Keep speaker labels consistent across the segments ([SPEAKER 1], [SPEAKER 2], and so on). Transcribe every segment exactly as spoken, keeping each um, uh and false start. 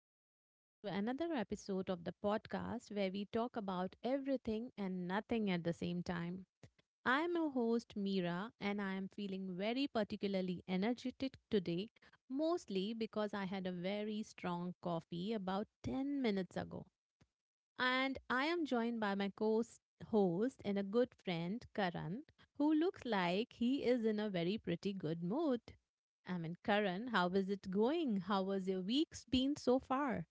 [SPEAKER 1] and welcome to another episode of the podcast where we talk about everything and nothing at the same time. I'm your host, Mira, and I am feeling very particularly energetic today, mostly because I had a very strong coffee about ten minutes ago. And I am joined by my co host and a good friend, Karan, who looks like he is in a very pretty good mood. I mean, Karan, how is it going? How was your week's been so far?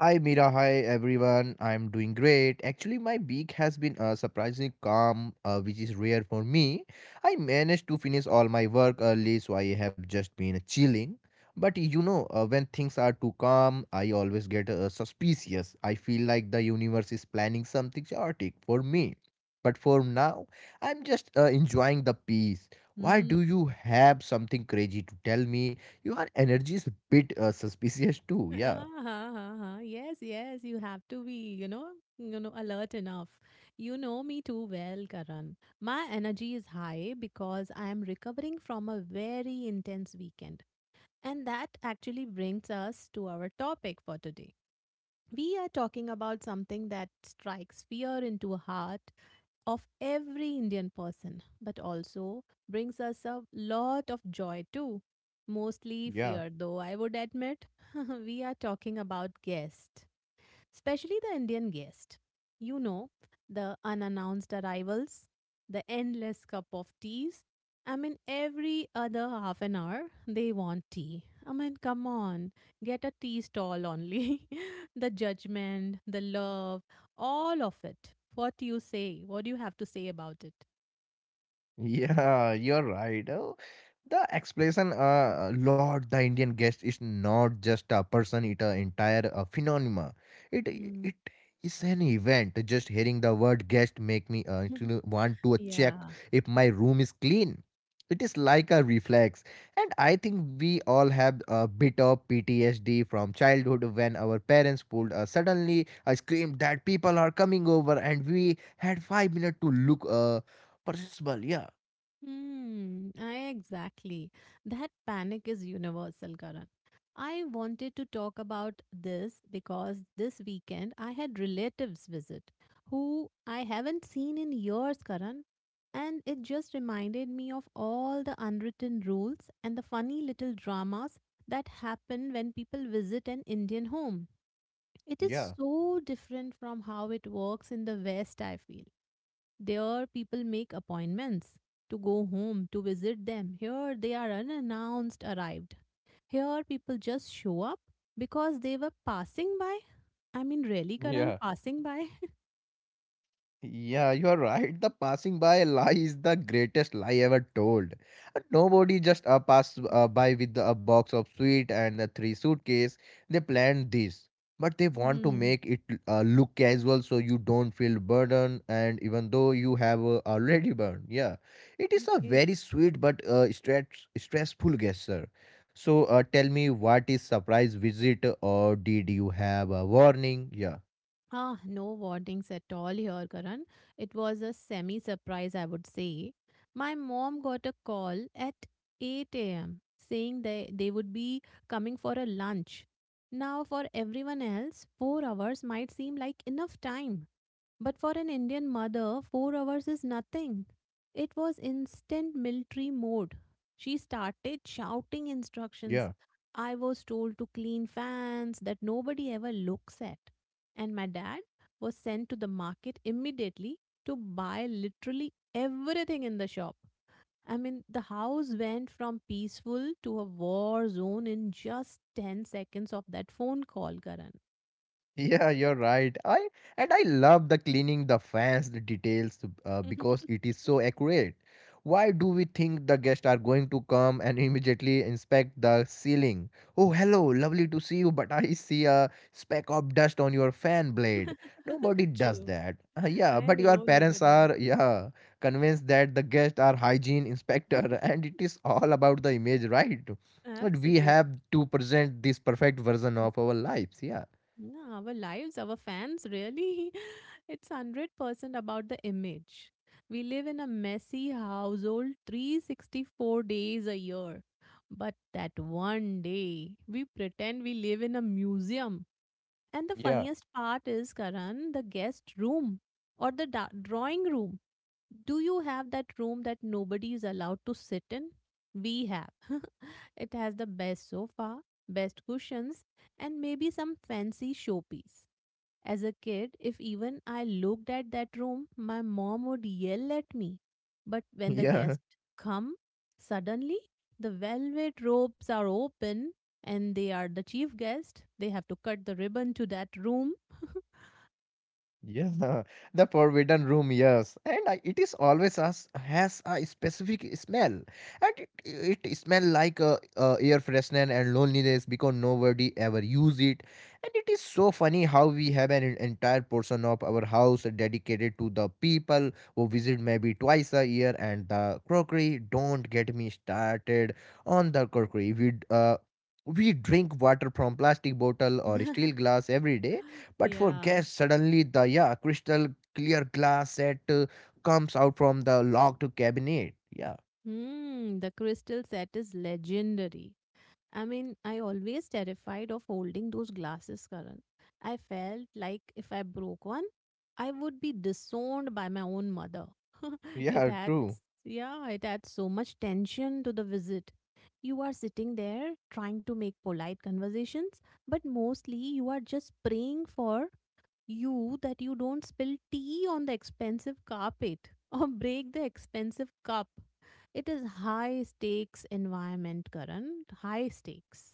[SPEAKER 2] Hi Mira, hi everyone. I'm doing great. Actually, my week has been uh, surprisingly calm, uh, which is rare for me. I managed to finish all my work early, so I have just been chilling. But you know, uh, when things are too calm, I always get uh, suspicious. I feel like the universe is planning something chaotic for me. But for now, I'm just uh, enjoying the peace. Why
[SPEAKER 1] Hmm.
[SPEAKER 2] do you have something crazy to tell me? Your energy is a bit uh, suspicious too.
[SPEAKER 1] Ah,
[SPEAKER 2] Yeah,
[SPEAKER 1] ha, ha, ha. Yes, yes, you have to be, you know, you know, alert enough. You know me too well, Karan. My energy is high because I am recovering from a very intense weekend. And that actually brings us to our topic for today. We are talking about something that strikes fear into a heart of every Indian person, but also brings us a lot of joy too. Mostly
[SPEAKER 2] yeah.
[SPEAKER 1] fear, though, I would admit. We are talking about guests, especially the Indian guest. You know, the unannounced arrivals, the endless cup of teas. I mean, every other half an hour, they want tea. I mean, come on, get a tea stall only. The judgment, the love, all of it. What do you say? What do you have to say about it?
[SPEAKER 2] Yeah, you're right. Oh, the explanation, uh, Lord, the Indian guest is not just a person; it an entire uh, phenomena. It
[SPEAKER 1] Mm.
[SPEAKER 2] it is an event. Just hearing the word guest make me uh, you know, want to check
[SPEAKER 1] Yeah.
[SPEAKER 2] if my room is clean. It is like a reflex, and I think we all have a bit of P T S D from childhood when our parents pulled us suddenly. I screamed that people are coming over, and we had five minutes to look. Uh, perceptible yeah.
[SPEAKER 1] Hmm, I exactly. That panic is universal, Karan. I wanted to talk about this because this weekend I had relatives visit who I haven't seen in years, Karan. And it just reminded me of all the unwritten rules and the funny little dramas that happen when people visit an Indian home. It is
[SPEAKER 2] Yeah.
[SPEAKER 1] so different from how it works in the West, I feel. There, people make appointments to go home to visit them. Here, they are unannounced arrived. Here, people just show up because they were passing by. I mean, really, Karan,
[SPEAKER 2] Yeah.
[SPEAKER 1] passing by?
[SPEAKER 2] Yeah, you are right. The passing by lie is the greatest lie ever told. Uh, Nobody just uh, passed uh, by with a box of sweet and a three suitcase. They planned this, but they want to
[SPEAKER 1] Mhm.
[SPEAKER 2] make it uh, look casual so you don't feel burdened. And even though you have uh, already burned, yeah, it is a
[SPEAKER 1] Okay.
[SPEAKER 2] very sweet but uh, stress stressful gesture. So uh, tell me, what is surprise visit or did you have a warning? Yeah,
[SPEAKER 1] Ah, no warnings at all here, Karan. It was a semi surprise, I would say. My mom got a call at eight a m saying they, they would be coming for a lunch. Now, for everyone else, four hours might seem like enough time. But for an Indian mother, four hours is nothing. It was instant military mode. She
[SPEAKER 2] yeah.
[SPEAKER 1] started shouting instructions. I was told to clean fans that nobody ever looks at. And my dad was sent to the market immediately to buy literally everything in the shop. I mean, the house went from peaceful to a war zone in just ten seconds of that phone call, Karan.
[SPEAKER 2] Yeah, you're right. I and I love the cleaning the fans the details uh, because it is so accurate. Why do we think the guests are going to come and immediately inspect the ceiling? Oh, hello, lovely to see you, but I see a speck of dust on your fan blade. Nobody does
[SPEAKER 1] True.
[SPEAKER 2] that. Uh, yeah,
[SPEAKER 1] I
[SPEAKER 2] but your
[SPEAKER 1] know
[SPEAKER 2] parents
[SPEAKER 1] nobody.
[SPEAKER 2] are yeah convinced that the guests are hygiene inspector, and it is all about the image, right? But we
[SPEAKER 1] Absolutely.
[SPEAKER 2] have to present this perfect version of our lives.
[SPEAKER 1] No, our lives, our fans, really, it's one hundred percent about the image. We live in a messy household three hundred sixty-four days a year. But that one day, we pretend we live in a museum. And the
[SPEAKER 2] Yeah.
[SPEAKER 1] funniest part is, Karan, the guest room or the da- drawing room. Do you have that room that nobody is allowed to sit in? We have. It has the best sofa, best cushions, and maybe some fancy showpiece. As a kid, if even I looked at that room, my mom would yell at me. But when the
[SPEAKER 2] Yeah,
[SPEAKER 1] guests come, suddenly the velvet ropes are open and they are the chief guest. They have to cut the ribbon to that room.
[SPEAKER 2] yeah, the forbidden room, yes, and I, it is always has, has a specific smell, and it, it smell like uh, uh, air freshener and loneliness because nobody ever use it, and it is so funny how we have an en- entire portion of our house dedicated to the people who visit maybe twice a year, and the crockery. Don't get me started on the crockery. We d- uh, we drink water from plastic bottle or steel glass every day. But for
[SPEAKER 1] Yeah.
[SPEAKER 2] guests, suddenly the yeah crystal clear glass set uh, comes out from the locked cabinet. Yeah,
[SPEAKER 1] Hmm, the crystal set is legendary. I mean, I always terrified of holding those glasses, Karan. I felt like if I broke one, I would be disowned by my own mother. It
[SPEAKER 2] yeah, true.
[SPEAKER 1] adds, yeah, it adds so much tension to the visit. You are sitting there trying to make polite conversations, but mostly you are just praying for you that you don't spill tea on the expensive carpet or break the expensive cup. It is high stakes environment, Karan. High stakes.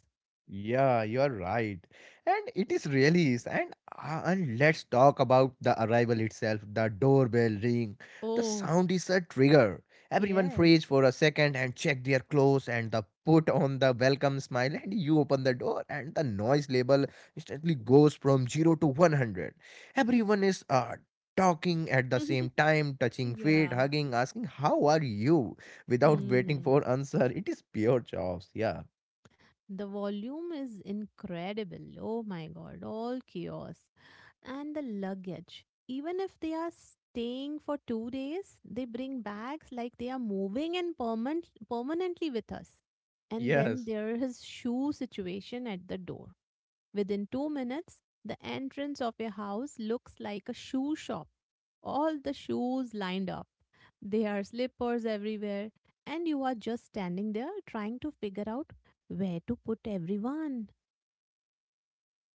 [SPEAKER 2] Yeah, you are right. And it is released. And, uh, and let's talk about the arrival itself. The doorbell ring. The
[SPEAKER 1] Oh,
[SPEAKER 2] sound is a trigger. Everyone
[SPEAKER 1] yes.
[SPEAKER 2] freeze for a second and check their clothes and the put on the welcome smile. And you open the door and the noise level instantly goes from zero to one hundred. Everyone is uh, talking at the same time, touching feet,
[SPEAKER 1] Yeah.
[SPEAKER 2] hugging, asking, "How are you?" without waiting
[SPEAKER 1] Mm.
[SPEAKER 2] for answer. It is pure chaos. Yeah.
[SPEAKER 1] The volume is incredible. Oh my God, all chaos. And the luggage. Even if they are staying for two days, they bring bags like they are moving and permanent permanently with us. And then
[SPEAKER 2] Yes.
[SPEAKER 1] there is shoe situation at the door. Within two minutes, the entrance of your house looks like a shoe shop. All the shoes lined up. There are slippers everywhere, and you are just standing there trying to figure out where to put everyone.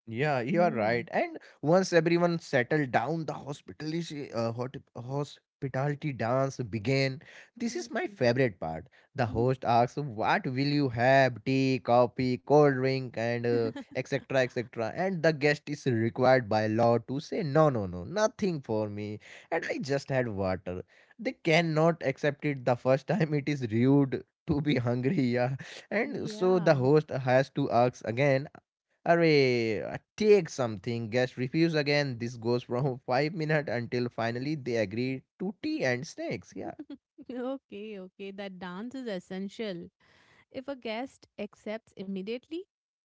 [SPEAKER 2] Yeah, you are right.
[SPEAKER 1] Hmm.
[SPEAKER 2] And once everyone settled down, the hospitality, uh, hot, hospitality dance began. This is my favorite part. The
[SPEAKER 1] Hmm.
[SPEAKER 2] host asks, "What will you have? Tea, coffee, cold drink, and uh, et cetera et cetera" And the guest is required by law to say, "No, no, no, nothing for me. And I just had water." They cannot accept it the first time. It is rude to be hungry. Yeah, and so the
[SPEAKER 1] Yeah.
[SPEAKER 2] host has to ask again. Array, uh, take something. Guest refuse again. This goes from five minutes until finally they agree to tea and snacks. Yeah.
[SPEAKER 1] Okay, okay. That dance is essential. If a guest accepts immediately,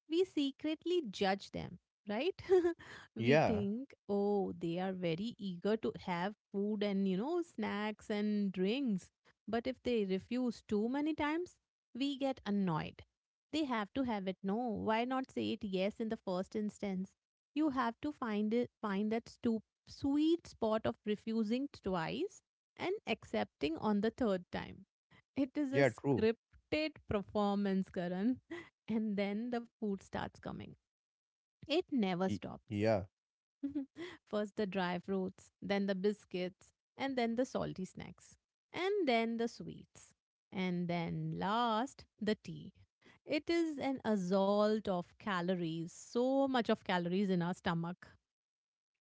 [SPEAKER 1] we secretly judge them, right? We
[SPEAKER 2] Yeah,
[SPEAKER 1] think, oh, they are very eager to have food and, you know, snacks and drinks. But if they refuse too many times, we get annoyed. They have to have it. No, why not say it yes in the first instance? You have to find it, find that stu- sweet spot of refusing twice and accepting on the third time. It is a
[SPEAKER 2] yeah, true.
[SPEAKER 1] scripted performance, Karan. And then the food starts coming. It never
[SPEAKER 2] Y-
[SPEAKER 1] stops.
[SPEAKER 2] Yeah.
[SPEAKER 1] First the dry fruits, then the biscuits, and then the salty snacks, and then the sweets. And then last, the tea. It is an assault of calories, so much of calories in our stomach.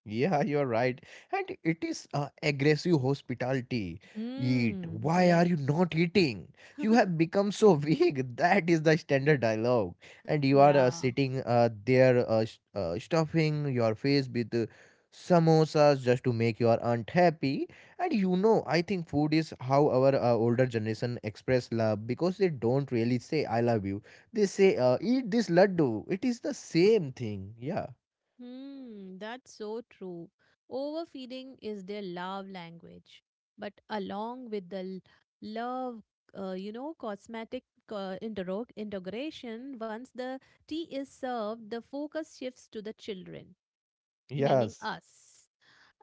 [SPEAKER 2] Yeah, you're right. And it is uh, aggressive hospitality. Eat.
[SPEAKER 1] Mm,
[SPEAKER 2] Why are
[SPEAKER 1] yes.
[SPEAKER 2] you not eating? You have become so weak. That is the standard dialogue. And you are uh,
[SPEAKER 1] Yeah.
[SPEAKER 2] sitting uh, there, uh, s- uh, stuffing your face with uh, samosas just to make your aunt happy. And you know, I think food is how our uh, older generation express love because they don't really say "I love you." They say, uh, "Eat this laddu." It is the same thing. Yeah.
[SPEAKER 1] Hmm, that's so true. Overfeeding is their love language. But along with the l- love, uh, you know, cosmetic uh, intero- integration, once the tea is served, the focus shifts to the children, meaning
[SPEAKER 2] Yes.
[SPEAKER 1] us.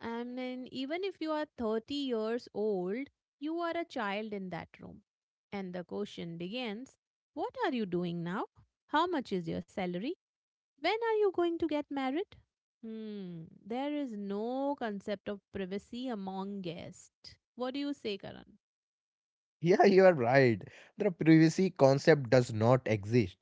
[SPEAKER 1] And then, even if you are thirty years old, you are a child in that room. And the question begins. What are you doing now? How much is your salary? When are you going to get married? Hmm, there is no concept of privacy among guests. What do you say, Karan?
[SPEAKER 2] Yeah, you are right. The privacy concept does not exist.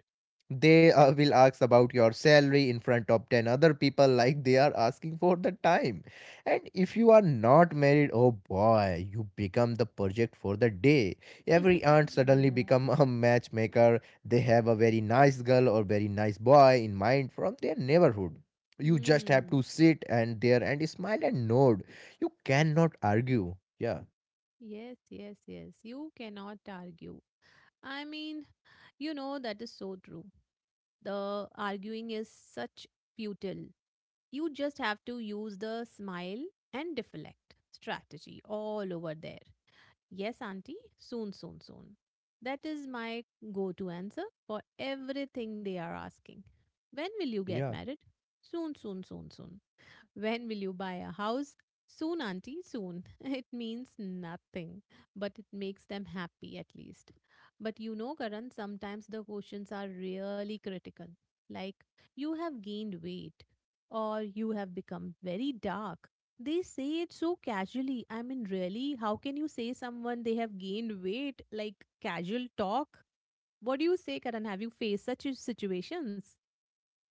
[SPEAKER 2] They uh, will ask about your salary in front of ten other people, like they are asking for the time. And if you are not married, oh boy, you become the project for the day. Every aunt suddenly
[SPEAKER 1] Yeah.
[SPEAKER 2] become a matchmaker. They have a very nice girl or very nice boy in mind from their neighborhood. You just have to
[SPEAKER 1] Hmm.
[SPEAKER 2] sit and there and smile and nod. You cannot argue. Yeah,
[SPEAKER 1] Yes, yes, yes. You cannot argue. I mean, you know, that is so true. The arguing is such futile. You just have to use the smile and deflect strategy all over there. Yes, auntie, soon, soon, soon. That is my go to answer for everything they are asking. When will you get
[SPEAKER 2] yeah.
[SPEAKER 1] married? Soon, soon, soon, soon. When will you buy a house? Soon, auntie, soon. It means nothing, but it makes them happy at least. But you know, Karan, sometimes the questions are really critical. Like, you have gained weight or you have become very dark. They say it so casually. I mean, really, how can you say someone they have gained weight like casual talk? What do you say, Karan? Have you faced such situations?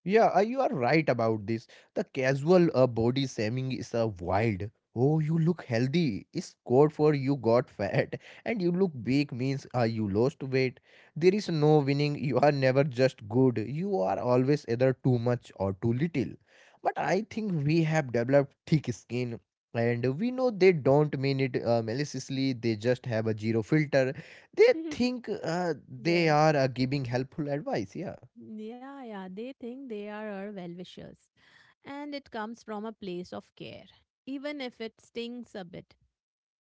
[SPEAKER 2] Yeah, uh, you are right about this. The casual uh, body shaming is a wild. Oh, you look healthy. It's code for you got fat, and you look big means uh, you lost weight. There is no winning. You are never just good. You are always either too much or too little. But I think we have developed thick skin, and we know they don't mean it uh, maliciously. They just have a zero filter. They think uh, they
[SPEAKER 1] Yes.
[SPEAKER 2] are uh, giving helpful advice. Yeah,
[SPEAKER 1] Yeah, yeah, they think they are our well wishers, and it comes from a place of care, even if it stings a bit.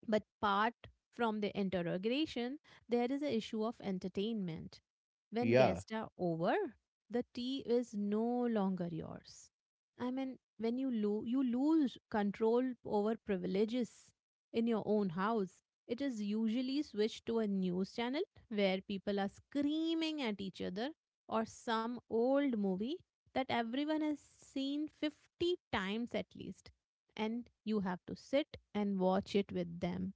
[SPEAKER 1] But apart from the interrogation, there is a issue of entertainment. When
[SPEAKER 2] yeah,
[SPEAKER 1] guests are over, the tea is no longer yours. I mean, when you lo- you lose control over privileges in your own house, it is usually switched to a news channel where people are screaming at each other or some old movie that everyone has seen fifty times at least and you have to sit and watch it with them.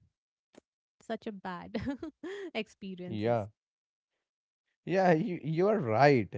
[SPEAKER 1] Such a bad experiences.
[SPEAKER 2] yeah. Yeah, you, you are right.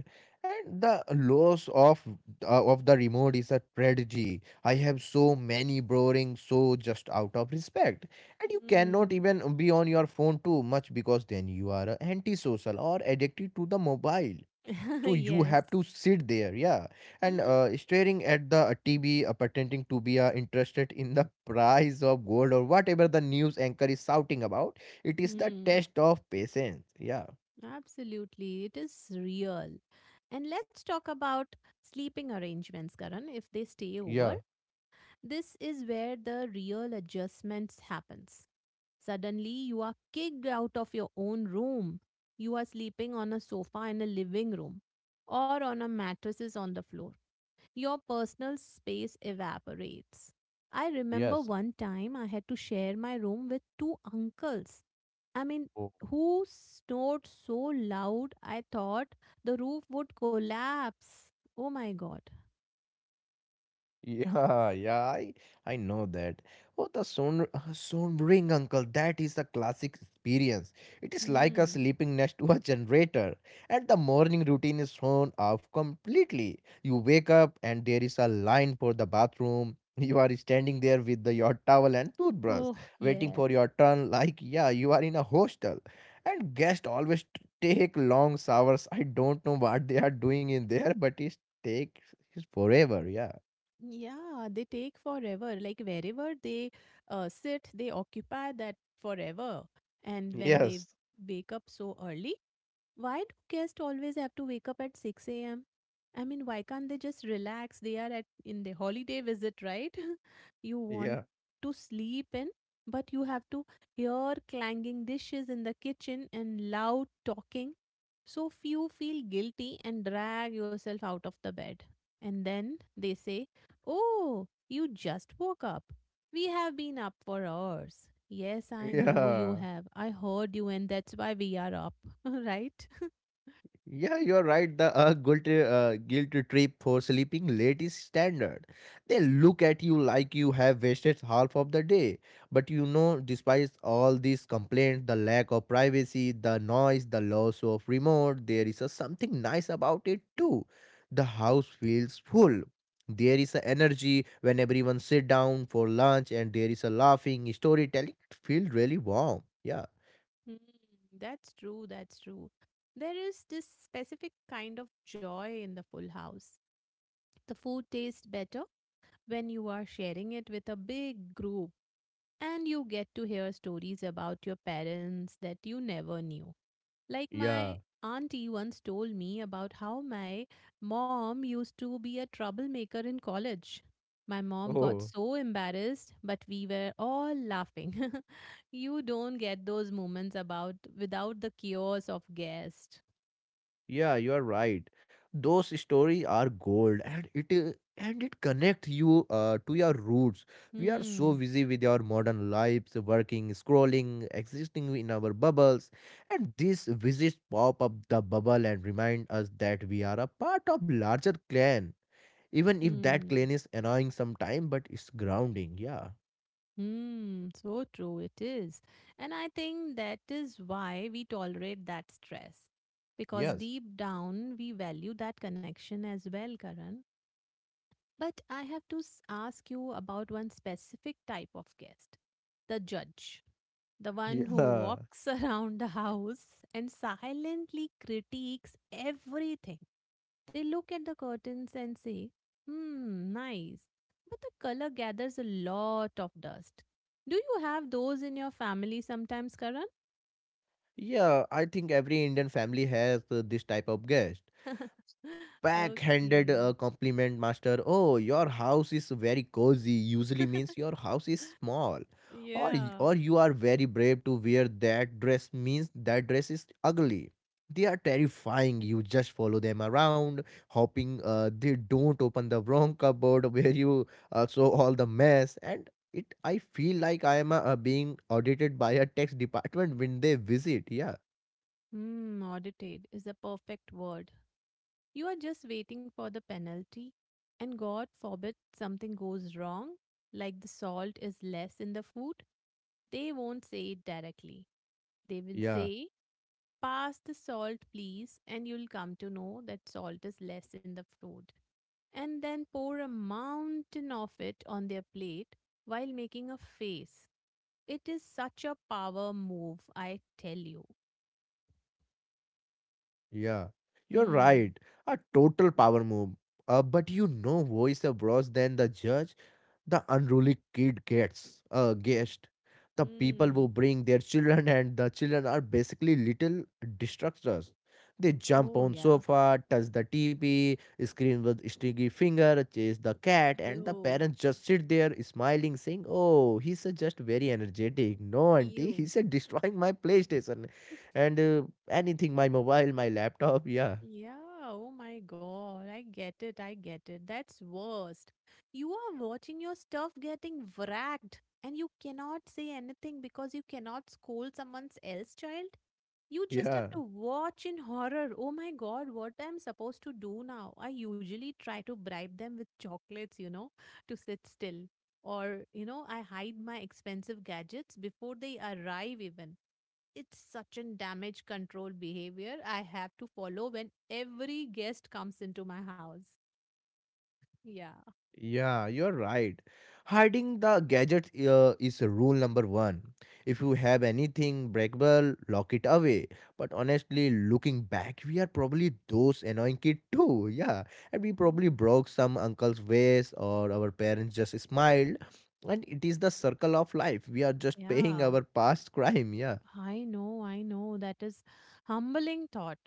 [SPEAKER 2] And the loss of uh, of the remote is a tragedy. I have so many borrowing so just out of respect. And you cannot
[SPEAKER 1] Hmm.
[SPEAKER 2] even be on your phone too much because then you are uh, antisocial or addicted to the mobile. So you
[SPEAKER 1] Yes.
[SPEAKER 2] have to sit there, yeah, and uh, staring at the T V, uh, pretending to be uh, interested in the price of gold or whatever the news anchor is shouting about. It is the
[SPEAKER 1] Hmm.
[SPEAKER 2] test of patience. Yeah.
[SPEAKER 1] Absolutely. It is real. And let's talk about sleeping arrangements, Karan. If they stay over,
[SPEAKER 2] Yeah.
[SPEAKER 1] this is where the real adjustments happens. Suddenly, you are kicked out of your own room. You are sleeping on a sofa in a living room or on a mattresses on the floor. Your personal space evaporates. I remember
[SPEAKER 2] Yes.
[SPEAKER 1] one time I had to share my room with two uncles. I mean,
[SPEAKER 2] Oh,
[SPEAKER 1] who snored so loud I thought the roof would collapse. Oh my god.
[SPEAKER 2] yeah, yeah, I, I know that. Oh, the Son Sonbring uncle, that is a classic experience. It is like a
[SPEAKER 1] Hmm.
[SPEAKER 2] sleeping next to a generator. And the morning routine is thrown off completely. You wake up and there is a line for the bathroom. You are standing there with the, your towel and toothbrush,
[SPEAKER 1] Oh,
[SPEAKER 2] waiting
[SPEAKER 1] yes.
[SPEAKER 2] for your turn. Like, yeah, you are in a hostel. And guests always t- take long showers. I don't know what they are doing in there, but it takes forever. Yeah.
[SPEAKER 1] Yeah, they take forever. Like wherever they uh, sit, they occupy that forever. And when they
[SPEAKER 2] Yes.
[SPEAKER 1] wake up so early, why do guests always have to wake up at six a m? I mean, why can't they just relax? They are at in the holiday visit, right? You want
[SPEAKER 2] Yeah.
[SPEAKER 1] to sleep in, but you have to hear clanging dishes in the kitchen and loud talking. So few feel guilty and drag yourself out of the bed. And then they say, oh, you just woke up. We have been up for hours. Yes, I know you
[SPEAKER 2] Yeah.
[SPEAKER 1] have. I heard you, and that's why we are up, right?
[SPEAKER 2] Yeah, you're right. The uh, guilt, uh, guilt trip for sleeping late is standard. They look at you like you have wasted half of the day. But you know, despite all these complaints, the lack of privacy, the noise, the loss of remote, there is a something nice about it too. The house feels full. There is a energy when everyone sit down for lunch, and there is a laughing, storytelling. It feels really warm. Yeah.
[SPEAKER 1] Mm, that's true, that's true. There is this specific kind of joy in the full house. The food tastes better when you are sharing it with a big group, and you get to hear stories about your parents that you never knew. Like
[SPEAKER 2] Yeah.
[SPEAKER 1] my auntie once told me about how my mom used to be a troublemaker in college. My mom got
[SPEAKER 2] Oh,
[SPEAKER 1] so embarrassed, but we were all laughing. You don't get those moments about without the chaos of guest.
[SPEAKER 2] yeah, you are right. Those stories are gold, and it is, and it connects you uh, to your roots. We are so
[SPEAKER 1] Hmm.
[SPEAKER 2] busy with our modern lives, working, scrolling, existing in our bubbles, and these visits pop up the bubble and remind us that we are a part of larger clan, even if that
[SPEAKER 1] Hmm.
[SPEAKER 2] clan is annoying sometime, but it's grounding. Yeah.
[SPEAKER 1] Hmm. So true it is. And I think that is why we tolerate that stress. Because
[SPEAKER 2] Yes.
[SPEAKER 1] deep down we value that connection as well, Karan. But I have to s- ask you about one specific type of guest, the judge, the one who
[SPEAKER 2] Yeah.
[SPEAKER 1] walks around the house and silently critiques everything. They look at the curtains and say, hmm, nice. But the color gathers a lot of dust. Do you have those in your family sometimes, Karan?
[SPEAKER 2] Yeah, I think every Indian family has uh, this type of guest, backhanded
[SPEAKER 1] Okay.
[SPEAKER 2] uh, compliment master. Oh, your house is very cozy usually means your house is small, or y-
[SPEAKER 1] Yeah.
[SPEAKER 2] or you are very brave to wear that dress means that dress is ugly. They are terrifying. You just follow them around, hoping uh, they don't open the wrong cupboard where you uh, saw all the mess, and it, I feel like I am uh, being audited by a tax department when they visit. Yeah,
[SPEAKER 1] Hmm, audited is a perfect word. You are just waiting for the penalty, and God forbid something goes wrong, like the salt is less in the food. They won't say it directly. They will
[SPEAKER 2] yeah.
[SPEAKER 1] say, pass the salt, please, and you'll come to know that salt is less in the food. And then pour a mountain of it on their plate while making a face. It is such a power move, I tell you.
[SPEAKER 2] Yeah, you're
[SPEAKER 1] Hmm.
[SPEAKER 2] right. A total power move. Uh, but you know who is the worse than the judge? The unruly kid gets uh, guest, the people who
[SPEAKER 1] Hmm.
[SPEAKER 2] bring their children and the children are basically little destructors. They jump
[SPEAKER 1] Oh,
[SPEAKER 2] on
[SPEAKER 1] yeah.
[SPEAKER 2] sofa, touch the TV, scream with sticky finger, chase the cat, and the
[SPEAKER 1] You.
[SPEAKER 2] parents just sit there smiling saying, oh, he's uh, just very energetic. No, auntie,
[SPEAKER 1] You.
[SPEAKER 2] he's uh, destroying my PlayStation, and uh, anything, my mobile, my laptop. Yeah,
[SPEAKER 1] Yeah, oh my God, I get it, I get it. That's worst. You are watching your stuff getting wracked and you cannot say anything because you cannot scold someone's else child. You just
[SPEAKER 2] yeah.
[SPEAKER 1] have to watch in horror. Oh my God, what I'm supposed to do now? I usually try to bribe them with chocolates, you know, to sit still. Or, you know, I hide my expensive gadgets before they arrive even. It's such a damage control behavior I have to follow when every guest comes into my house. Yeah.
[SPEAKER 2] Yeah, you're right. Hiding the gadgets uh, is rule number one. If you have anything breakable, lock it away. But honestly, looking back, we are probably those annoying kid too. Yeah, and we probably
[SPEAKER 1] Hmm.
[SPEAKER 2] broke some uncle's vase or our parents just smiled. And it is the circle of life. We are just paying
[SPEAKER 1] Yeah,
[SPEAKER 2] our past crime. Yeah,
[SPEAKER 1] I know, I know. That is humbling thought.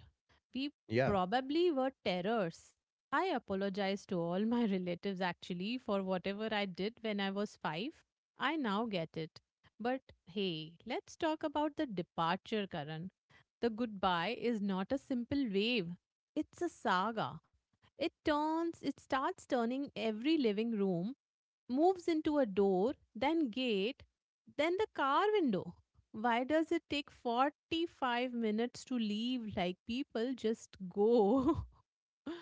[SPEAKER 1] We
[SPEAKER 2] yeah.
[SPEAKER 1] probably were terrors. I apologize to all my relatives actually for whatever I did when I was five. I now get it. But hey, let's talk about the departure, Karan. The goodbye is not a simple wave. It's a saga. It turns, it starts turning every living room, moves into a door, then gate, then the car window. Why does it take forty-five minutes to leave? Like people just go.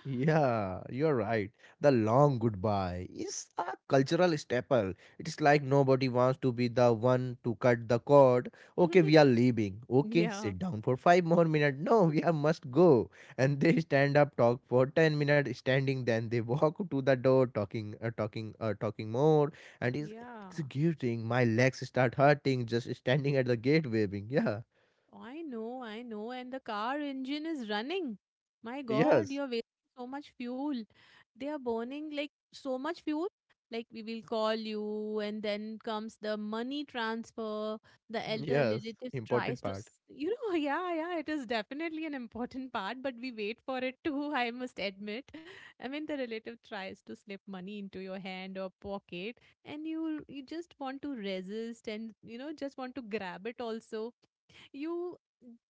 [SPEAKER 2] Yeah, you're right. The long goodbye is a cultural staple. It is like nobody wants to be the one to cut the cord. Okay, we are leaving. Okay,
[SPEAKER 1] Yeah,
[SPEAKER 2] sit down for five more minutes. No, we are must go. And they stand up, talk for ten minutes, standing. Then they walk to the door, talking, uh, talking, uh, talking more, and is
[SPEAKER 1] yeah.
[SPEAKER 2] executing. My legs start hurting just standing at the gate waving. Yeah,
[SPEAKER 1] I know, I know. And the car engine is running. My God,
[SPEAKER 2] yes,
[SPEAKER 1] you're wasting so much fuel. They are burning like so much fuel. Like we will call you, and then comes the money transfer. The elder
[SPEAKER 2] yes.
[SPEAKER 1] relatives
[SPEAKER 2] Important
[SPEAKER 1] tries to,
[SPEAKER 2] part.
[SPEAKER 1] s- you know, yeah, yeah, it is definitely an important part, but we wait for it too, I must admit. I mean, the relative tries to slip money into your hand or pocket, and you you just want to resist and, you know, just want to grab it also. You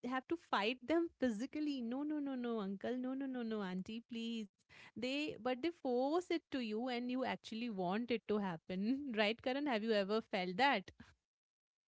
[SPEAKER 1] have to fight them physically. No, no, no, no, uncle, no, no, no, no, auntie, please. They but they force it to you and you actually want it to happen. Right, Karan, have you ever felt that?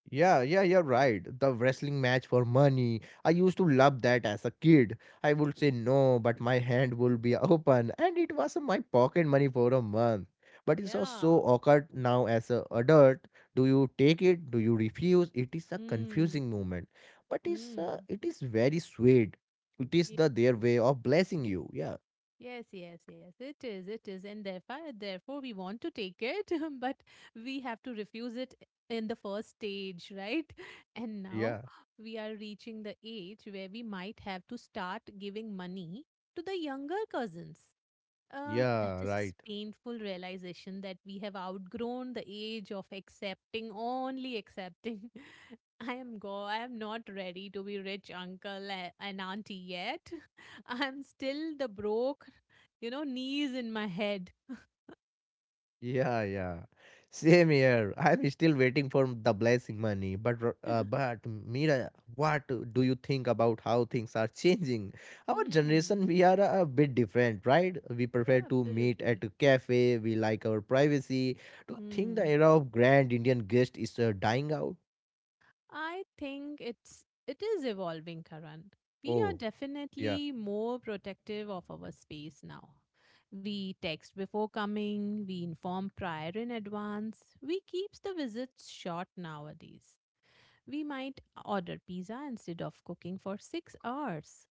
[SPEAKER 2] Yeah, yeah, you're right. The wrestling match for money. I used to love that as a kid. I would say no, but my hand would be open, and it was my pocket money for a month. But it's also
[SPEAKER 1] Yeah.
[SPEAKER 2] awkward now as a adult. Do you take it? Do you refuse? It is a
[SPEAKER 1] Hmm.
[SPEAKER 2] confusing moment, but it's uh,
[SPEAKER 1] Hmm.
[SPEAKER 2] it is very sweet. It is the their way of blessing you. Yeah,
[SPEAKER 1] Yes, yes, yes, it is, it is. And therefore, therefore, we want to take it, but we have to refuse it in the first stage, right? And now
[SPEAKER 2] yeah,
[SPEAKER 1] we are reaching the age where we might have to start giving money to the younger cousins. Uh, that
[SPEAKER 2] yeah.
[SPEAKER 1] is
[SPEAKER 2] Right.
[SPEAKER 1] painful realization that we have outgrown the age of accepting, only accepting. I am go. I am not ready to be rich uncle a- and auntie yet. I am still the broke, you know, knees in my head.
[SPEAKER 2] Yeah, yeah. Same here. I'm still waiting for the blessing money. But r- uh, but Mira, what do you think about how things are changing? Our
[SPEAKER 1] Hmm.
[SPEAKER 2] generation, we are a bit different, right? We prefer
[SPEAKER 1] Yeah,
[SPEAKER 2] to meet
[SPEAKER 1] absolutely.
[SPEAKER 2] at a cafe. We like our privacy. Do you think the
[SPEAKER 1] Hmm.
[SPEAKER 2] era of grand Indian guest is uh, dying out?
[SPEAKER 1] I think it's it is evolving, Karan. We are
[SPEAKER 2] Oh, yeah,
[SPEAKER 1] definitely more protective of our space now. We text before coming, we inform prior in advance, we keeps the visits short nowadays. We might order pizza instead of cooking for six hours.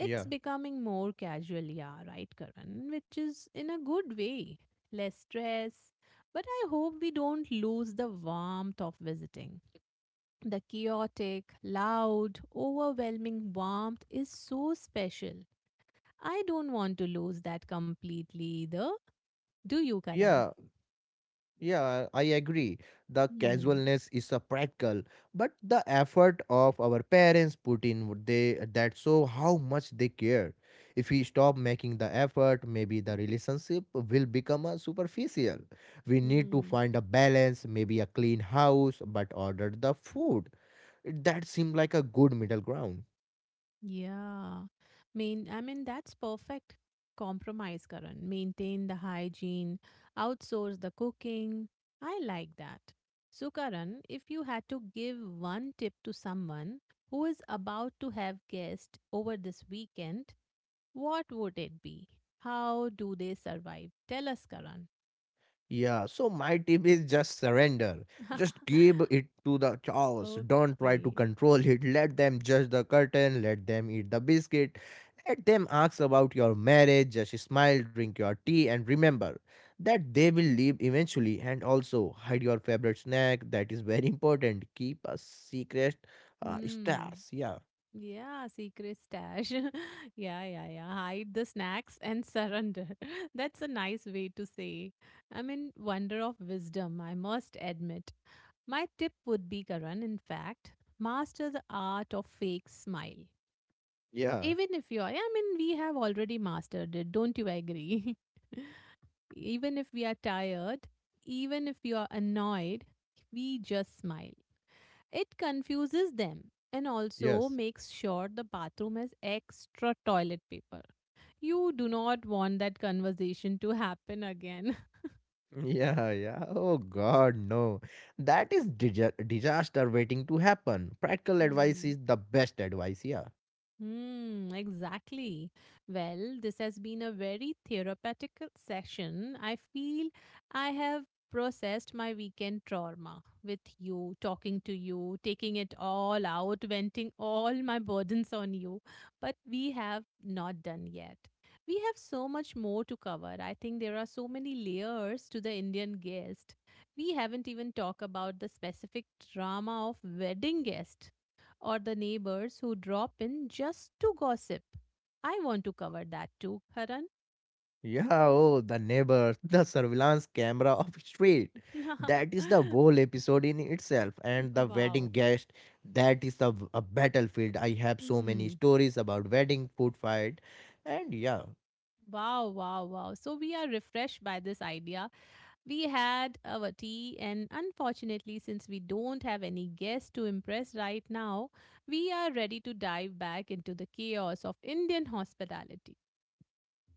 [SPEAKER 2] yeah.
[SPEAKER 1] It's becoming more casual, yeah, right, Karan, which is in a good way. Less stress, but I hope we don't lose the warmth of visiting. The chaotic, loud, overwhelming warmth is so special. I don't want to lose that completely either. Do you, Karan?
[SPEAKER 2] Yeah, yeah, I agree. The
[SPEAKER 1] Hmm.
[SPEAKER 2] casualness is a practical, but the effort of our parents put in would they that show how much they care. If we stop making the effort, maybe the relationship will become a superficial. We need to
[SPEAKER 1] Hmm.
[SPEAKER 2] find a balance, maybe a clean house, but order the food. That seemed like a good middle ground.
[SPEAKER 1] Yeah. Mean, I mean, that's perfect compromise, Karan. Maintain the hygiene, outsource the cooking. I like that. So, Karan, if you had to give one tip to someone who is about to have guests over this weekend, what would it be? How do they survive? Tell us, Karan.
[SPEAKER 2] Yeah, so my tip is just surrender. Just give it to the chaos. Don't try to
[SPEAKER 1] Okay.
[SPEAKER 2] control it. Let them judge the curtain. Let them eat the biscuit. Let them ask about your marriage. Just smile, drink your tea, and remember that they will leave eventually. And also hide your favorite snack. That is very important. Keep a secret uh,
[SPEAKER 1] Hmm.
[SPEAKER 2] stash. Yeah,
[SPEAKER 1] Yeah, secret stash. Yeah, yeah, yeah. Hide the snacks and surrender. That's a nice way to say. I mean, wonder of wisdom, I must admit. My tip would be, Karan, in fact, master the art of fake smile.
[SPEAKER 2] yeah,
[SPEAKER 1] Even if you're, I mean, we have already mastered it. Don't you agree? Even if we are tired, even if we are annoyed, we just smile. It confuses them and also
[SPEAKER 2] yes.
[SPEAKER 1] makes sure the bathroom has extra toilet paper. You do not want that conversation to happen again.
[SPEAKER 2] Yeah, yeah. Oh God, no. That is dija- disaster waiting to happen. Practical advice
[SPEAKER 1] Hmm.
[SPEAKER 2] is the best advice, yeah.
[SPEAKER 1] Hmm, exactly. Well, this has been a very therapeutic session. I feel I have processed my weekend trauma with you, talking to you, taking it all out, venting all my burdens on you. But we have not done yet. We have so much more to cover. I think there are so many layers to the Indian guest. We haven't even talked about the specific drama of wedding guest or the neighbors who drop in just to gossip. I want to cover that too, Karan.
[SPEAKER 2] Yeah, oh, the neighbors, the surveillance camera of street. That is the whole episode in itself. And the
[SPEAKER 1] Wow.
[SPEAKER 2] wedding guest, that is a, a battlefield. I have so many
[SPEAKER 1] Hmm.
[SPEAKER 2] stories about wedding food fight. And yeah,
[SPEAKER 1] Wow, wow, wow. So we are refreshed by this idea. We had our tea, and unfortunately, since we don't have any guests to impress right now, we are ready to dive back into the chaos of Indian hospitality.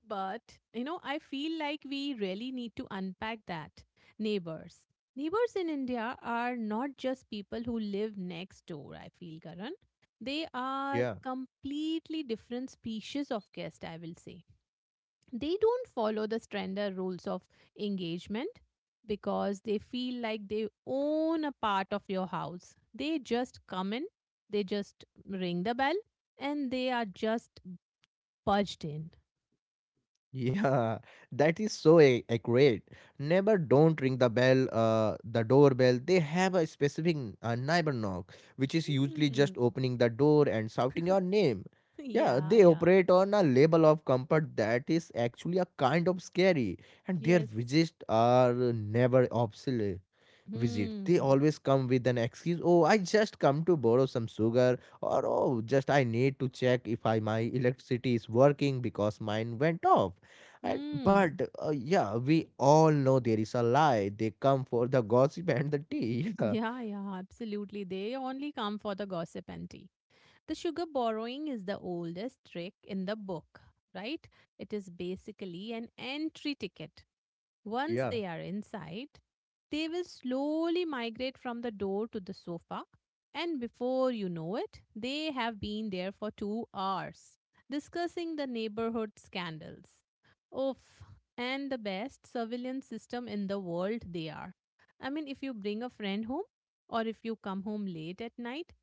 [SPEAKER 1] But, you know, I feel like we really need to unpack that. Neighbors. Neighbors in India are not just people who live next door, I feel, Karan. They are
[SPEAKER 2] yeah.
[SPEAKER 1] completely different species of guest, I will say. They don't follow the standard rules of engagement because they feel like they own a part of your house. They just come in, they just ring the bell, and they are just budged in.
[SPEAKER 2] Yeah, that is so a- accurate. Never don't ring the bell, uh, the doorbell. They have a specific uh, neighbor knock, which is usually just
[SPEAKER 1] Hmm.
[SPEAKER 2] opening the door and shouting your name. Yeah,
[SPEAKER 1] Yeah,
[SPEAKER 2] they
[SPEAKER 1] yeah.
[SPEAKER 2] operate on a level of comfort that is actually a kind of scary, and their
[SPEAKER 1] Yes.
[SPEAKER 2] visits are never obsolete visit. They
[SPEAKER 1] Hmm.
[SPEAKER 2] always come with an excuse. Oh, I just come to borrow some sugar, or oh, just I need to check if I my electricity is working because mine went off. And
[SPEAKER 1] Hmm.
[SPEAKER 2] but uh, yeah, we all know there is a lie. They come for the gossip and the tea.
[SPEAKER 1] Yeah, yeah, absolutely. They only come for the gossip and tea. The sugar borrowing is the oldest trick in the book, right? It is basically an entry ticket. Once
[SPEAKER 2] Yeah,
[SPEAKER 1] they are inside, they will slowly migrate from the door to the sofa, and before you know it, they have been there for two hours discussing the neighborhood scandals. Oof, and the best surveillance system in the world they are. I mean, if you bring a friend home or if you come home late at night,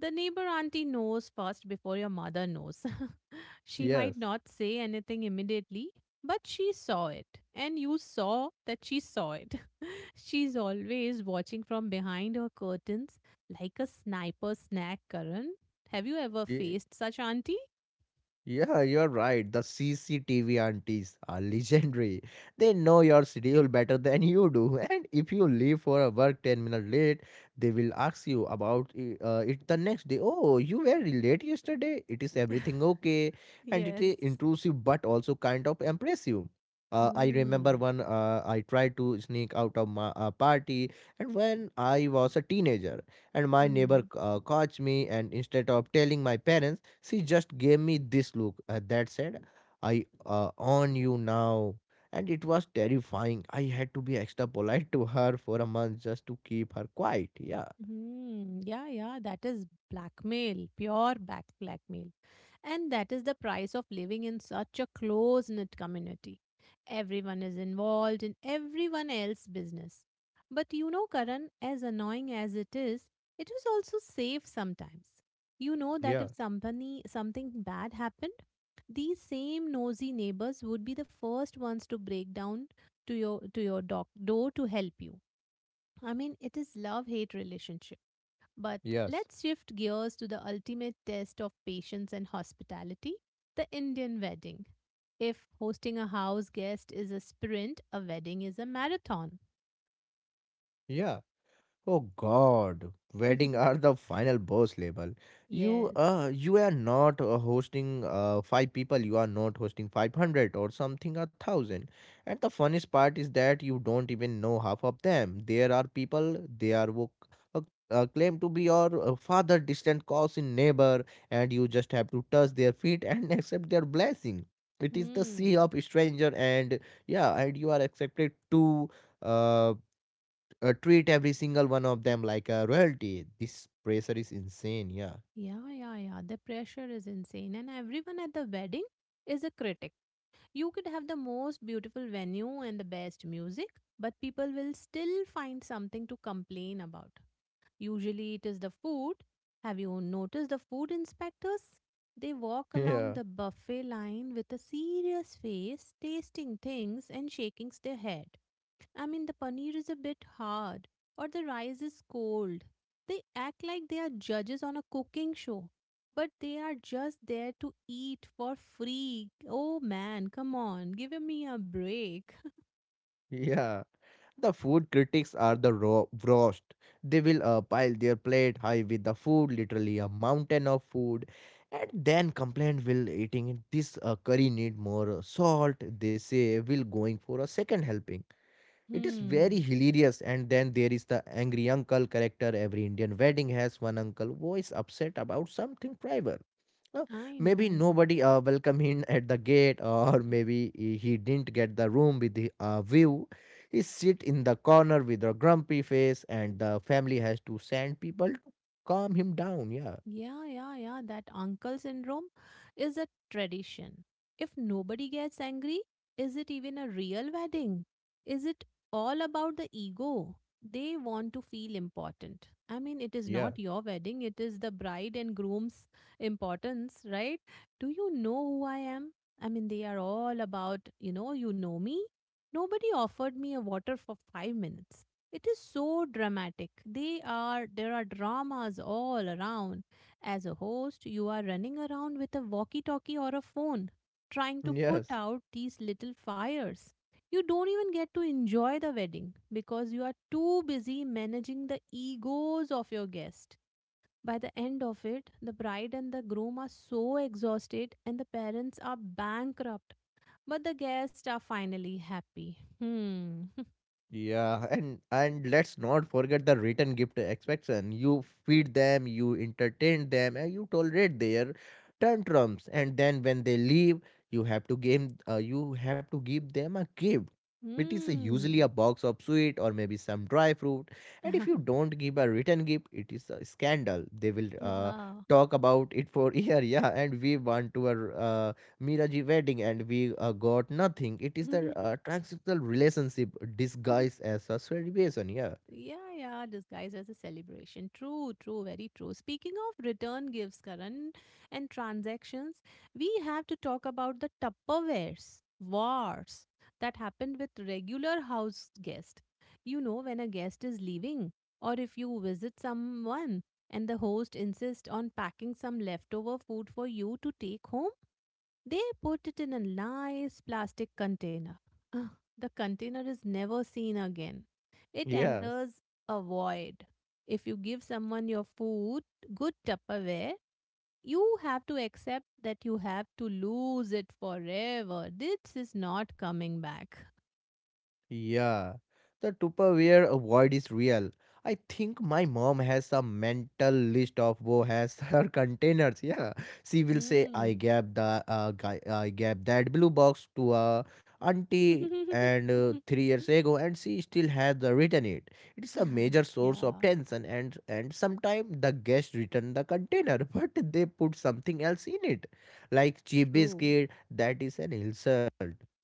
[SPEAKER 1] the neighbor auntie knows first before your mother knows. She
[SPEAKER 2] yeah,
[SPEAKER 1] might not say anything immediately, but she saw it, and you saw that she saw it. She's always watching from behind her curtains like a sniper snack, Karan. Have you ever
[SPEAKER 2] yes,
[SPEAKER 1] faced such auntie?
[SPEAKER 2] yeah, you're right. The C C T V aunties are legendary. They know your schedule better than you do. And if you leave for a work ten minutes late, they will ask you about i- uh, it the next day. Oh, you were late yesterday. It is everything okay? And it is
[SPEAKER 1] Yes.
[SPEAKER 2] intrusive but also kind of impressive. Uh, I remember
[SPEAKER 1] Hmm.
[SPEAKER 2] one uh, I tried to sneak out of my uh, party, and when I was a teenager, and my neighbor
[SPEAKER 1] Hmm.
[SPEAKER 2] uh, caught me, and instead of telling my parents, she just gave me this look uh, that said, I uh, own you now. And it was terrifying. I had to be extra polite to her for a month just to keep her quiet. Yeah.
[SPEAKER 1] Hmm. Yeah, yeah, that is blackmail, pure back blackmail. And that is the price of living in such a close knit community. Everyone is involved in everyone else's business. But you know, Karan, as annoying as it is, it is also safe sometimes. You know that
[SPEAKER 2] Yeah,
[SPEAKER 1] if somebody, something bad happened, these same nosy neighbors would be the first ones to break down to your to your doc, door to help you. I mean, it is love hate relationship but
[SPEAKER 2] yes,
[SPEAKER 1] let's shift gears to the ultimate test of patience and hospitality, the Indian wedding. If hosting a house guest is a sprint, a wedding is a marathon.
[SPEAKER 2] yeah. Oh God, wedding are the final boss level. You
[SPEAKER 1] Yes.
[SPEAKER 2] uh you are not uh, hosting uh five people. You are not hosting five hundred or something a thousand. And the funniest part is that you don't even know half of them. There are people they are wo- uh, uh, claim to be your uh, father, distant cousin, neighbor, and you just have to touch their feet and accept their blessing. It is the sea
[SPEAKER 1] Hmm.
[SPEAKER 2] of stranger, and yeah, and you are accepted to. uh, uh, Treat every single one of them like a royalty. This pressure is insane. Yeah.
[SPEAKER 1] Yeah, yeah, yeah. The pressure is insane, and everyone at the wedding is a critic. You could have the most beautiful venue and the best music, but people will still find something to complain about. Usually it is the food. Have you noticed the food inspectors? They walk along
[SPEAKER 2] Yeah,
[SPEAKER 1] the buffet line with a serious face, tasting things and shaking their head. I mean, the paneer is a bit hard or the rice is cold. They act like they are judges on a cooking show, but they are just there to eat for free. Oh man, come on, give me a break.
[SPEAKER 2] yeah, the food critics are the ro- worst. They will uh, pile their plate high with the food, literally a mountain of food, and then complain will eating it. This uh, curry need more salt. They say will going for a second helping. It is very
[SPEAKER 1] Hmm,
[SPEAKER 2] hilarious. And then there is the angry uncle character. Every Indian wedding has one uncle who is upset about something private. Uh,
[SPEAKER 1] I
[SPEAKER 2] Maybe
[SPEAKER 1] know.
[SPEAKER 2] nobody uh, welcomed him at the gate or maybe he he didn't get the room with the uh, view he sit in the corner with a grumpy face and the family has to send people to calm him down. Yeah,
[SPEAKER 1] Yeah, yeah, yeah. That uncle syndrome is a tradition. If nobody gets angry, is it even a real wedding? Is it all about the ego? They want to feel important. I mean, it is
[SPEAKER 2] yeah,
[SPEAKER 1] not your wedding, it is the bride and groom's importance, right? Do you know who I am? I mean, they are all about, you know, you know me. Nobody offered me a water for five minutes. It is so dramatic. They are, there are dramas all around as a host, you are running around with a walkie talkie or a phone, trying to put
[SPEAKER 2] yes.
[SPEAKER 1] out these little fires. You don't even get to enjoy the wedding because you are too busy managing the egos of your guests. By the end of it, the bride and the groom are so exhausted and the parents are bankrupt, but the guests are finally happy. Hmm.
[SPEAKER 2] Yeah, and and let's not forget the written gift expectation. You feed them, you entertain them, and you tolerate their tantrums. And then when they leave, you have to give uh, you have to give them a gift. It is usually a
[SPEAKER 1] Hmm.
[SPEAKER 2] box of sweet or maybe some dry fruit. And if you don't give a written gift, it is a scandal. They will uh,
[SPEAKER 1] Yeah.
[SPEAKER 2] talk about it for year. Yeah, and we want to uh, Miraji wedding and we uh, got nothing. It is the uh, transactional relationship disguised as a celebration. Yeah.
[SPEAKER 1] Yeah, yeah, disguised as a celebration. True, true, very true. Speaking of return gifts, Karan, and transactions, we have to talk about the Tupperwares wars that happened with regular house guests. You know, when a guest is leaving, or if you visit someone and the host insists on packing some leftover food for you to take home, they put it in a nice plastic container. Ugh, the container is never seen again. It
[SPEAKER 2] Yeah.
[SPEAKER 1] enters a void. If you give someone your food, good Tupperware, you have to accept that you have to lose it forever. This is not coming back.
[SPEAKER 2] Yeah, the Tupperware avoid is real. I think my mom has a mental list of who has her containers. Yeah, she will say, "I
[SPEAKER 1] Hmm.
[SPEAKER 2] gave the uh, guy, I gave that blue box to a auntie and uh, three years ago, and she still has the written it. It is a major source of
[SPEAKER 1] Yeah,
[SPEAKER 2] tension, and and sometimes the guest return the container, but they put something else in it, like cheap
[SPEAKER 1] true.
[SPEAKER 2] biscuit. That is an insult.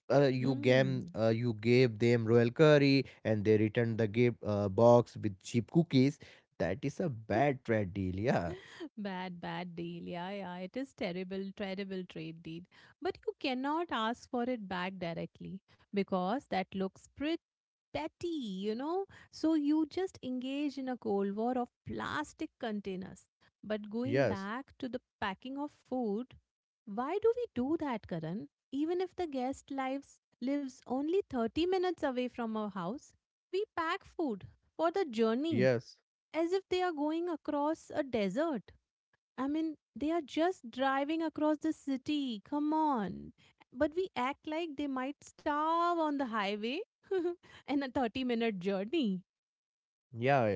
[SPEAKER 2] uh, you gave
[SPEAKER 1] Hmm.
[SPEAKER 2] uh, you gave them royal curry and they returned the gift uh, box with cheap cookies. That is a bad trade deal. Yeah,
[SPEAKER 1] Bad, bad deal. Yeah, yeah. It is terrible, terrible trade deed. But you cannot ask for it back directly because that looks pretty petty, you know? So you just engage in a cold war of plastic containers. But going
[SPEAKER 2] yes,
[SPEAKER 1] back to the packing of food, why do we do that, Karan? Even if the guest lives lives only thirty minutes away from our house, we pack food for the journey
[SPEAKER 2] yes,
[SPEAKER 1] as if they are going across a desert. I mean, they are just driving across the city. Come on. But we act like they might starve on the highway in a thirty minute journey.
[SPEAKER 2] yeah,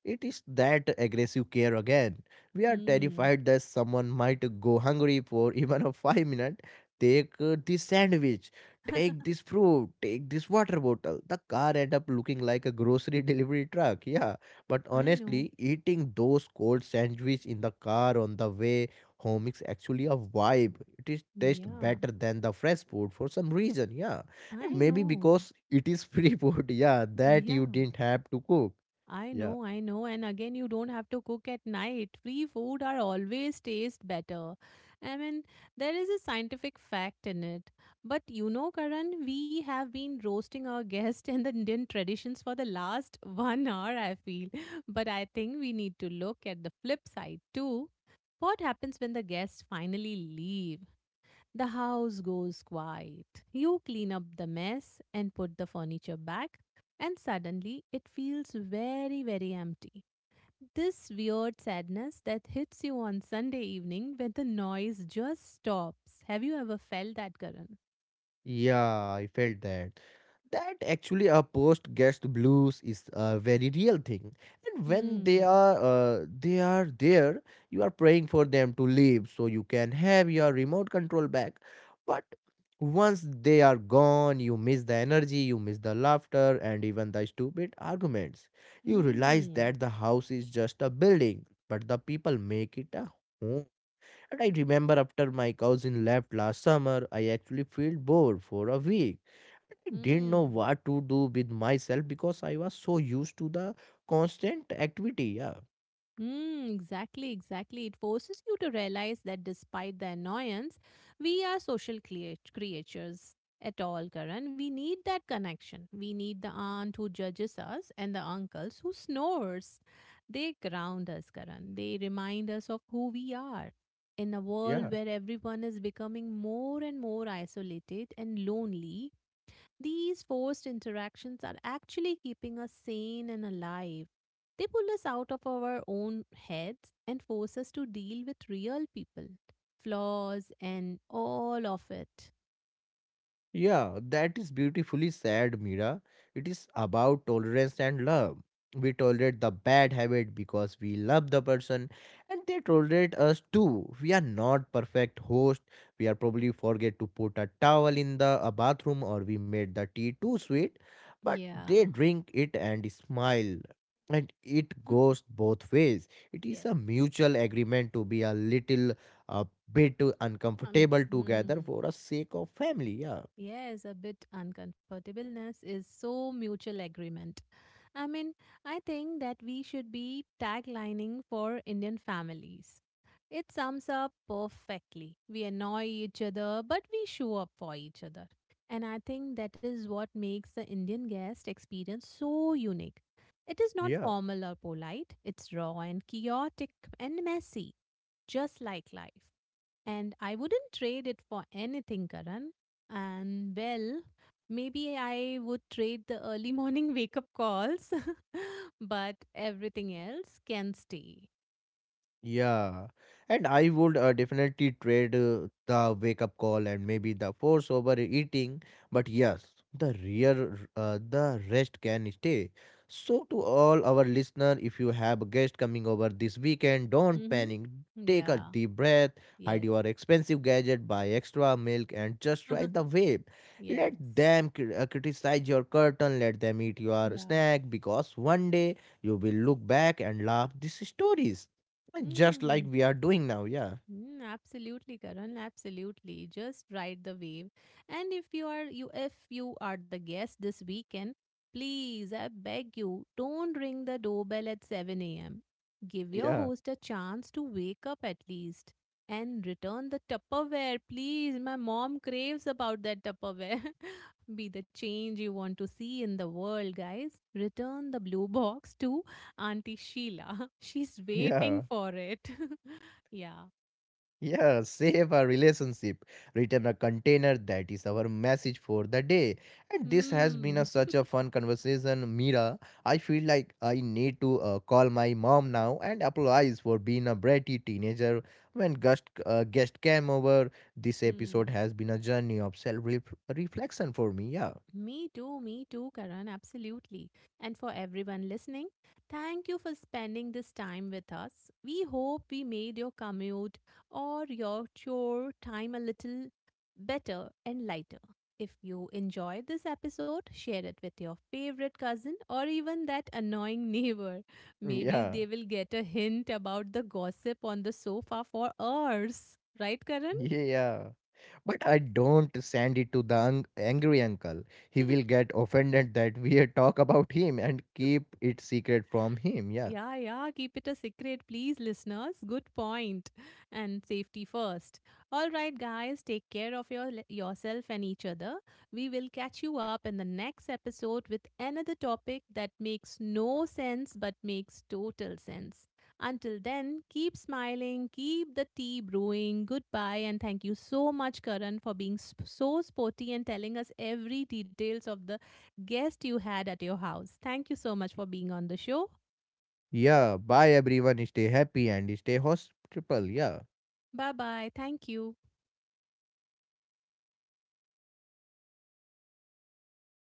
[SPEAKER 2] it is that aggressive care again. We are
[SPEAKER 1] Hmm.
[SPEAKER 2] terrified that someone might go hungry for even a five minute. Take uh, this sandwich, take this fruit, take this water bottle. The car end up looking like a grocery delivery truck. Yeah, but
[SPEAKER 1] I know.
[SPEAKER 2] honestly, eating those cold sandwiches in the car on the way home is actually a vibe. It is taste
[SPEAKER 1] Yeah.
[SPEAKER 2] better than the fresh food for some reason. Yeah,
[SPEAKER 1] I
[SPEAKER 2] and maybe
[SPEAKER 1] know.
[SPEAKER 2] because it is free food. Yeah, that you
[SPEAKER 1] Yeah.
[SPEAKER 2] didn't have to cook.
[SPEAKER 1] I
[SPEAKER 2] Yeah.
[SPEAKER 1] know, I know. And again, you don't have to cook at night. Free food are always taste better. I mean, there is a scientific fact in it. But you know, Karan, we have been roasting our guest and the Indian traditions for the last one hour, I feel. But I think we need to look at the flip side too. What happens when the guests finally leave? The house goes quiet. You clean up the mess and put the furniture back, and suddenly it feels very, very empty. This weird sadness that hits you on Sunday evening when the noise just stops. Have you ever felt that, Karan?
[SPEAKER 2] Yeah, I felt that. That actually a post guest blues is a very real thing. And when they
[SPEAKER 1] Hmm.
[SPEAKER 2] are uh, they are there, you are praying for them to leave so you can have your remote control back. But once they are gone, you miss the energy, you miss the laughter and even the stupid arguments. You realize
[SPEAKER 1] Hmm.
[SPEAKER 2] that the house is just a building, but the people make it a home. And I remember after my cousin left last summer, I actually felt bored for a week. I didn't know
[SPEAKER 1] Hmm.
[SPEAKER 2] what to do with myself because I was so used to the constant activity. Yeah,
[SPEAKER 1] Mm, exactly, exactly. It forces you to realize that despite the annoyance, we are social creat- creatures at all, Karan. We need that connection. We need the aunt who judges us and the uncles who snores. They ground us, Karan. They remind us of who we are. In a world
[SPEAKER 2] yeah.
[SPEAKER 1] where everyone is becoming more and more isolated and lonely, these forced interactions are actually keeping us sane and alive. They pull us out of our own heads and force us to deal with real people, flaws, and all of it.
[SPEAKER 2] Yeah, that is beautifully said, Mira. It is about tolerance and love. We tolerate the bad habit because we love the person and they tolerate us too. We are not perfect host. We are probably forget to put a towel in the a bathroom or we made the tea too sweet, but
[SPEAKER 1] Yeah.
[SPEAKER 2] they drink it and smile. And it goes both ways. It is
[SPEAKER 1] Yes.
[SPEAKER 2] a mutual agreement to be a little a bit
[SPEAKER 1] Um,
[SPEAKER 2] uncomfortable together
[SPEAKER 1] hmm.
[SPEAKER 2] for the sake of family. Yeah.
[SPEAKER 1] Yes, a bit uncomfortableness is so mutual agreement. I mean, I think that we should be taglining for Indian families. It sums up perfectly. We annoy each other, but we show up for each other. And I think that is what makes the Indian guest experience so unique. It is not
[SPEAKER 2] Yeah,
[SPEAKER 1] formal or polite, it's raw and chaotic and messy, just like life. And I wouldn't trade it for anything, Karan. And well, maybe I would trade the early morning wake up calls, but everything else can stay.
[SPEAKER 2] yeah. And I would uh, definitely trade uh, the wake up call and maybe the force over eating. But yes, the real uh, the rest can stay. So to all our listener, if you have a guest coming over this weekend, don't
[SPEAKER 1] Mm-hmm.
[SPEAKER 2] panic. Take a
[SPEAKER 1] Yeah.
[SPEAKER 2] deep breath, hide
[SPEAKER 1] Yes.
[SPEAKER 2] your expensive gadget, buy extra milk, and just ride the wave.
[SPEAKER 1] Yes.
[SPEAKER 2] Let them cri- uh, criticize your curtain, let them eat your
[SPEAKER 1] Yeah.
[SPEAKER 2] snack because one day you will look back and laugh these stories just like
[SPEAKER 1] Mm.
[SPEAKER 2] we are doing now, yeah.
[SPEAKER 1] Mm, absolutely, Karan. Absolutely. Just ride the wave. And if you are you if you are the guest this weekend, please, I beg you, don't ring the doorbell at seven a m. Give your
[SPEAKER 2] Yeah,
[SPEAKER 1] host a chance to wake up at least. And return the Tupperware, please. My mom craves about that Tupperware. Be the change you want to see in the world, guys. Return the blue box to Auntie Sheila. She's waiting
[SPEAKER 2] yeah,
[SPEAKER 1] for it. Yeah.
[SPEAKER 2] yeah. Save our relationship. Return a container. That is our message for the day. And this has been
[SPEAKER 1] Hmm.
[SPEAKER 2] a, such a fun conversation, Mira. I feel like I need to uh, call my mom now and apologize for being a bratty teenager when guest uh, guest came over. This episode
[SPEAKER 1] Hmm.
[SPEAKER 2] has been a journey of self reflection for me. Yeah,
[SPEAKER 1] Me too, me too, Karan, absolutely. And for everyone listening, thank you for spending this time with us. We hope we made your commute or your chore time a little better and lighter. If you enjoyed this episode, share it with your favorite cousin or even that annoying neighbor. Maybe
[SPEAKER 2] yeah,
[SPEAKER 1] they will get a hint about the gossip on the sofa for hours. Right, Karan?
[SPEAKER 2] yeah. But I don't send it to the un- angry uncle. He will get offended that we talk about him and keep it secret from him. Yeah.
[SPEAKER 1] Yeah, yeah, keep it a secret, please, listeners. Good point. And safety first. All right, guys, take care of your, yourself and each other. We will catch you up in the next episode with another topic that makes no sense but makes total sense. Until then, keep smiling, keep the tea brewing. Goodbye, and thank you so much, Karan, for being sp- so sporty and telling us every details of the guest you had at your house. Thank you so much for being on the show.
[SPEAKER 2] Yeah. Bye, everyone. Stay happy and stay hospitable. Yeah.
[SPEAKER 1] Bye bye. Thank you.